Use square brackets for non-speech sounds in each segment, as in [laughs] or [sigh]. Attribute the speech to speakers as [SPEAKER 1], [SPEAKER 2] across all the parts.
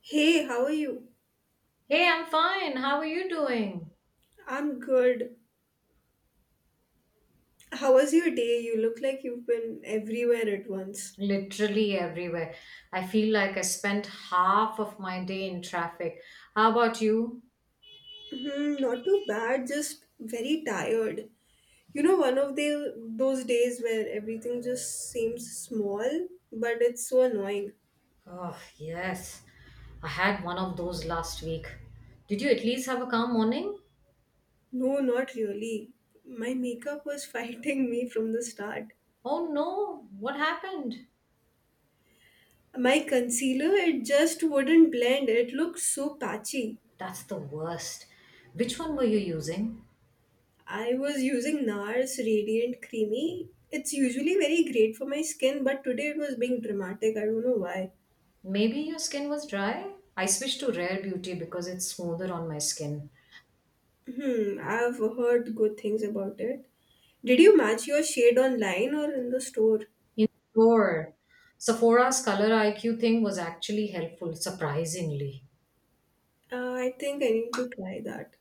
[SPEAKER 1] Hey, how are you?
[SPEAKER 2] Hey, I'm fine. How are you doing?
[SPEAKER 1] I'm good. How was your day? You look like you've been everywhere at once.
[SPEAKER 2] Literally everywhere. I feel like I spent half of my day in traffic. How about you?
[SPEAKER 1] Hmm, not too bad, just very tired. You know, one of the those days where everything just seems small, but it's so annoying.
[SPEAKER 2] Oh, yes. I had one of those last week. Did you at least have a calm morning?
[SPEAKER 1] No, not really. My makeup was [laughs] fighting me from the start.
[SPEAKER 2] Oh, no. What happened?
[SPEAKER 1] My concealer, it just wouldn't blend. It looked so patchy.
[SPEAKER 2] That's the worst. Which one were you using?
[SPEAKER 1] I was using NARS Radiant Creamy. It's usually very great for my skin, but today it was being dramatic. I don't know why.
[SPEAKER 2] Maybe your skin was dry? I switched to Rare Beauty because it's smoother on my skin.
[SPEAKER 1] Hmm, I've heard good things about it. Did you match your shade online or in the store?
[SPEAKER 2] In sure. Sephora's color IQ thing was actually helpful, surprisingly.
[SPEAKER 1] I think I need to try that.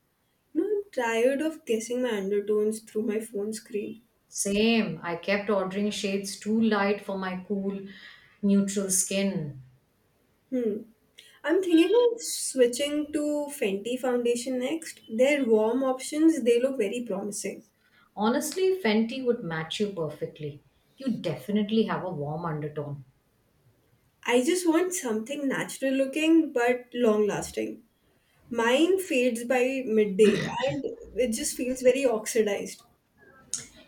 [SPEAKER 1] No, I'm tired of guessing my undertones through my phone screen.
[SPEAKER 2] Same. I kept ordering shades too light for my cool, neutral skin.
[SPEAKER 1] Hmm. I'm thinking of switching to Fenty foundation next. Their warm options, they look very promising.
[SPEAKER 2] Honestly, Fenty would match you perfectly. You definitely have a warm undertone.
[SPEAKER 1] I just want something natural looking but long lasting. Mine fades by midday and it just feels very oxidized.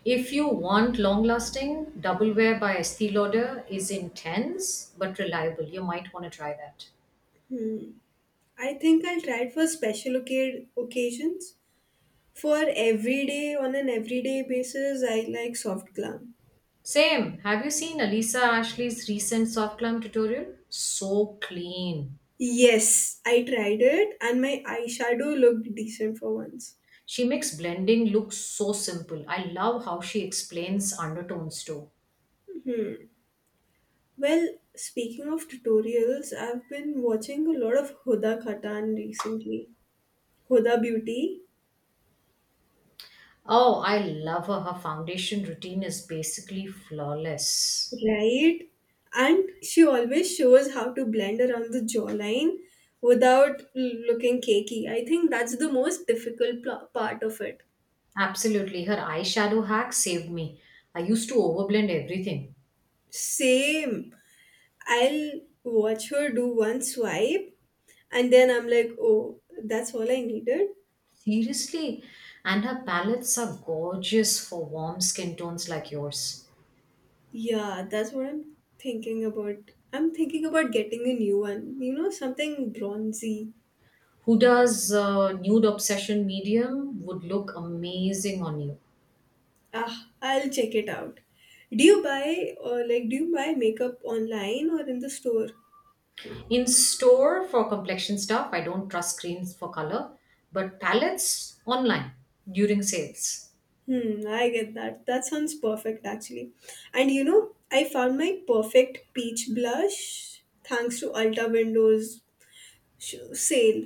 [SPEAKER 2] If you want long lasting, Double Wear by Estee Lauder is intense but reliable. You might want to try that.
[SPEAKER 1] I think I'll try it for occasions. For everyday, on an everyday basis, I like soft glam.
[SPEAKER 2] Same. Have you seen Alisa Ashley's recent soft glam tutorial? So clean.
[SPEAKER 1] Yes, I tried it and my eyeshadow looked decent for once.
[SPEAKER 2] She makes blending look so simple. I love how she explains undertones too.
[SPEAKER 1] Well, speaking of tutorials, I've been watching a lot of Huda Khatan recently. Huda Beauty.
[SPEAKER 2] Oh, I love her. Her foundation routine is basically flawless.
[SPEAKER 1] Right? And she always shows how to blend around the jawline without looking cakey. I think that's the most difficult part of it.
[SPEAKER 2] Absolutely. Her eyeshadow hack saved me. I used to overblend everything.
[SPEAKER 1] Same. I'll watch her do one swipe and then I'm like, oh, that's all I needed.
[SPEAKER 2] Seriously. And her palettes are gorgeous for warm skin tones like yours.
[SPEAKER 1] Yeah, that's what I'm thinking about. I'm thinking about getting a new one, you know, something bronzy.
[SPEAKER 2] Huda's nude obsession medium would look amazing on you.
[SPEAKER 1] Ah, I'll check it out. Do you buy or like do you buy makeup online or in the store?
[SPEAKER 2] In store for complexion stuff, I don't trust screens for color, but palettes online during sales.
[SPEAKER 1] Hmm, I get that. That sounds perfect actually. And you know, I found my perfect peach blush thanks to Ulta Windows sh- sale,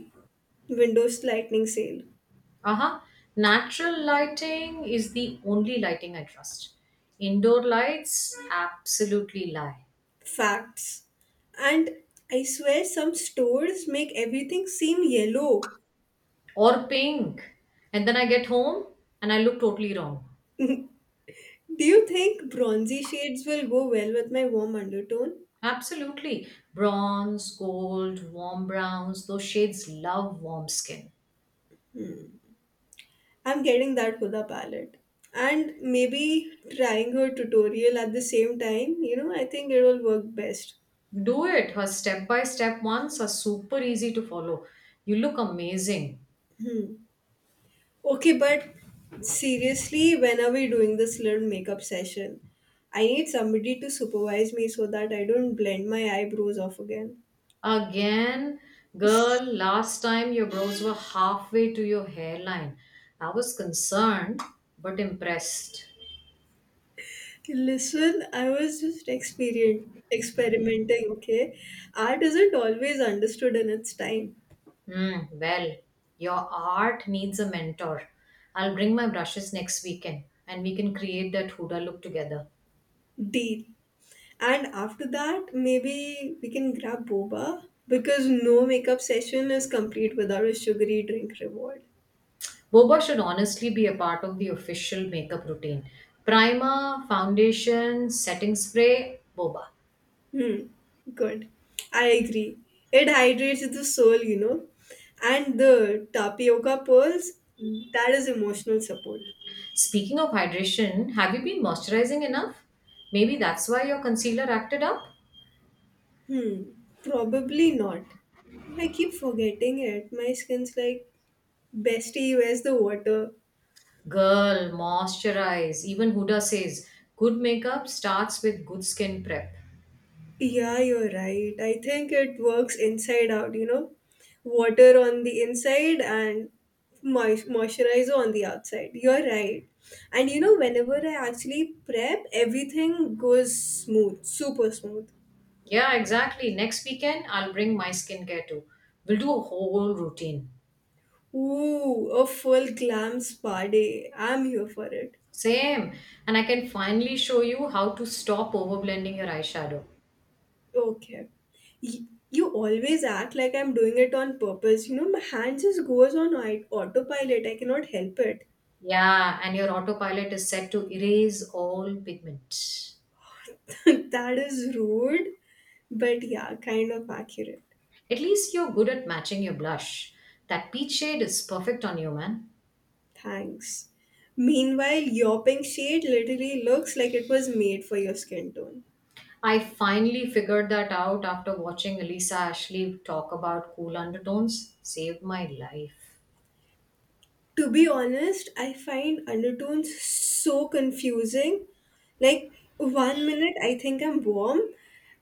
[SPEAKER 1] Windows Lightning sale.
[SPEAKER 2] Uh huh. Natural lighting is the only lighting I trust. Indoor lights absolutely lie.
[SPEAKER 1] Facts. And I swear some stores make everything seem yellow.
[SPEAKER 2] Or pink. And then I get home and I look totally wrong.
[SPEAKER 1] Do you think bronzy shades will go well with my warm undertone?
[SPEAKER 2] Absolutely. Bronze, gold, warm browns, those shades love warm skin.
[SPEAKER 1] I'm getting that Huda palette. And maybe trying her tutorial at the same time, you know, I think it will work best.
[SPEAKER 2] Do it. Her step by step ones are super easy to follow. You look amazing.
[SPEAKER 1] Okay, but seriously, when are we doing this little makeup session? I need somebody to supervise me so that I don't blend my eyebrows off again.
[SPEAKER 2] Again, girl, last time your brows were halfway to your hairline. I was concerned but impressed.
[SPEAKER 1] Listen, I was just experien experimenting, okay? Art isn't always understood in its time.
[SPEAKER 2] Hmm, well, your art needs a mentor. I'll bring my brushes next weekend and we can create that Huda look together.
[SPEAKER 1] Deal. And after that, maybe we can grab boba because no makeup session is complete without a sugary drink reward.
[SPEAKER 2] Boba should honestly be a part of the official makeup routine. Primer, foundation, setting spray, Boba.
[SPEAKER 1] Hmm. Good. I agree. It hydrates the soul, you know. And the tapioca pearls, that is emotional support.
[SPEAKER 2] Speaking of hydration, have you been moisturizing enough? Maybe that's why your concealer acted up?
[SPEAKER 1] Hmm. Probably not. I keep forgetting it. My skin's like, bestie, where's the water?
[SPEAKER 2] Girl, moisturize. Even Huda says good makeup starts with good skin prep.
[SPEAKER 1] Yeah, you're right. I think it works inside out, you know, water on the inside and moisturizer on the outside. You're right. And you know, whenever I actually prep, everything goes smooth, super smooth.
[SPEAKER 2] Yeah, exactly. Next weekend, I'll bring my skincare too. We'll do a whole routine.
[SPEAKER 1] Ooh, a full glam spa day. I'm here for it.
[SPEAKER 2] Same. And I can finally show you how to stop overblending your eyeshadow.
[SPEAKER 1] Okay. You always act like I'm doing it on purpose. You know, my hand just goes on autopilot. I cannot help it.
[SPEAKER 2] Yeah, and your autopilot is set to erase all pigment.
[SPEAKER 1] [laughs] that is rude, but yeah, kind of accurate.
[SPEAKER 2] At least you're good at matching your blush. That peach shade is perfect on you, man.
[SPEAKER 1] Thanks. Meanwhile, your pink shade literally looks like it was made for your skin tone.
[SPEAKER 2] I finally figured that out after watching Elisa Ashley talk about cool undertones. Saved my life.
[SPEAKER 1] To be honest, I find undertones so confusing. Like, one minute I think I'm warm,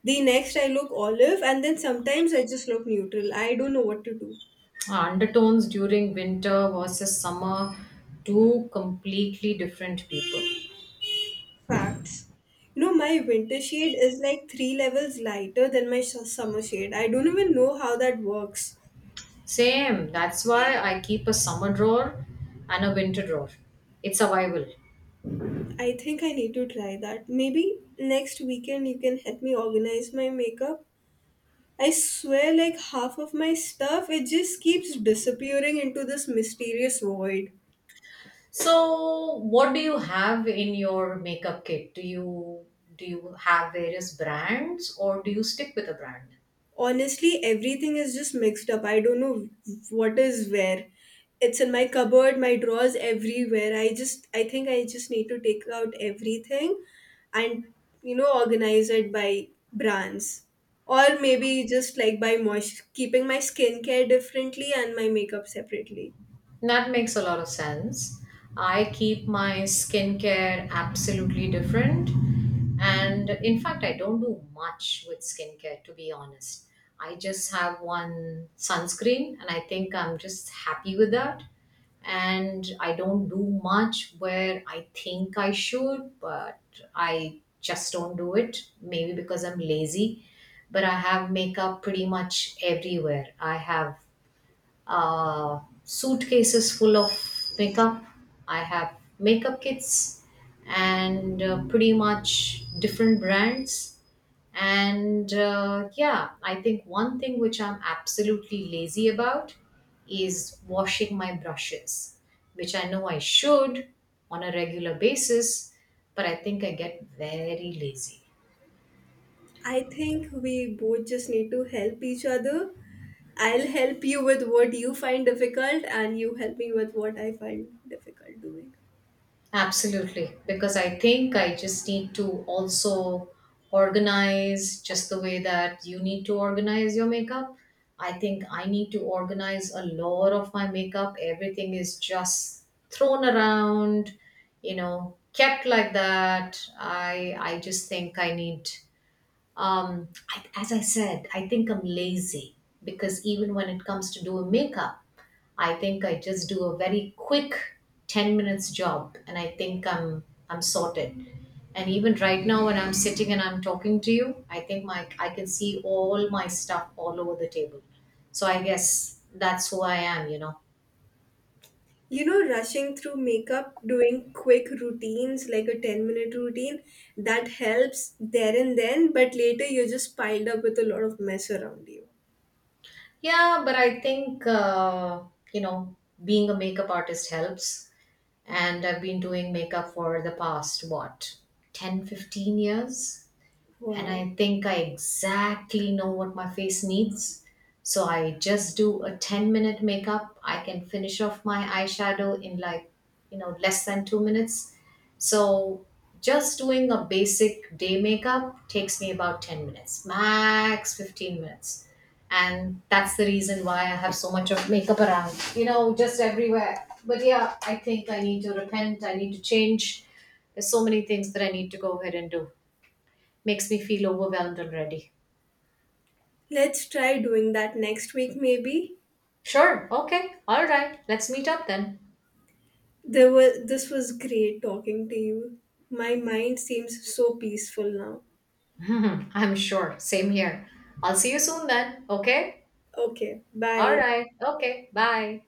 [SPEAKER 1] the next I look olive, and then sometimes I just look neutral. I don't know what to do.
[SPEAKER 2] Undertones during winter versus summer, two completely different people.
[SPEAKER 1] Facts. You know, my winter shade is like three levels lighter than my summer shade. I don't even know how that works.
[SPEAKER 2] Same. That's why I keep a summer drawer and a winter drawer. It's survival.
[SPEAKER 1] I think I need to try that. Maybe next weekend you can help me organize my makeup. I swear, like half of my stuff, it just keeps disappearing into this mysterious void.
[SPEAKER 2] So, what do you have in your makeup kit? Do you have various brands or do you stick with a brand?
[SPEAKER 1] Honestly, everything is just mixed up. I don't know what is where. It's in my cupboard, my drawers, everywhere. I think I just need to take out everything and, you know, organize it by brands. Or maybe just like by moist, keeping my skincare differently and my makeup separately.
[SPEAKER 2] That makes a lot of sense. I keep my skincare absolutely different. And in fact, I don't do much with skincare, to be honest. I just have one sunscreen, and I think I'm just happy with that. And I don't do much where I think I should, but I just don't do it. Maybe because I'm lazy. But I have makeup pretty much everywhere. I have suitcases full of makeup. I have makeup kits and pretty much different brands. And yeah, I think one thing which I'm absolutely lazy about is washing my brushes, which I know I should on a regular basis, but I think I get very lazy.
[SPEAKER 1] I think we both just need to help each other. I'll help you with what you find difficult, and you help me with what I find difficult doing.
[SPEAKER 2] Absolutely, because I think I just need to also organize just the way that you need to organize your makeup. I think I need to organize a lot of my makeup. Everything is just thrown around, you know, kept like that. I just think I need um as I said, I think I'm lazy because even when it comes to doing makeup, I think I just do a very quick 10 minutes job and I think I'm sorted. And even right now when I'm sitting and I'm talking to you, I think my I can see all my stuff all over the table. So I guess that's who I am, you know.
[SPEAKER 1] You know, rushing through makeup, doing quick routines like a 10-minute routine, that helps there and then, but later you're just piled up with a lot of mess around you.
[SPEAKER 2] Yeah, but I think you know, being a makeup artist helps and I've been doing makeup for the past what, 10, 15 years, and
[SPEAKER 1] Wow.
[SPEAKER 2] I think I exactly know what my face needs. So I just do a 10-minute makeup. I can finish off my eyeshadow in like, you know, less than 2 minutes. So just doing a basic day makeup takes me about 10 minutes, max 15 minutes. And that's the reason why I have so much of makeup around, you know, just everywhere. But yeah, I think I need to repent. I need to change. There's so many things that I need to go ahead and do. Makes me feel overwhelmed already.
[SPEAKER 1] Let's try doing that next week maybe.
[SPEAKER 2] Sure, okay, all right, let's meet up then.
[SPEAKER 1] There was this was great talking to you. My mind seems so peaceful now.
[SPEAKER 2] [laughs] I'm sure, same here. I'll see you soon then, okay?
[SPEAKER 1] Okay,
[SPEAKER 2] All
[SPEAKER 1] bye.
[SPEAKER 2] right, okay, bye.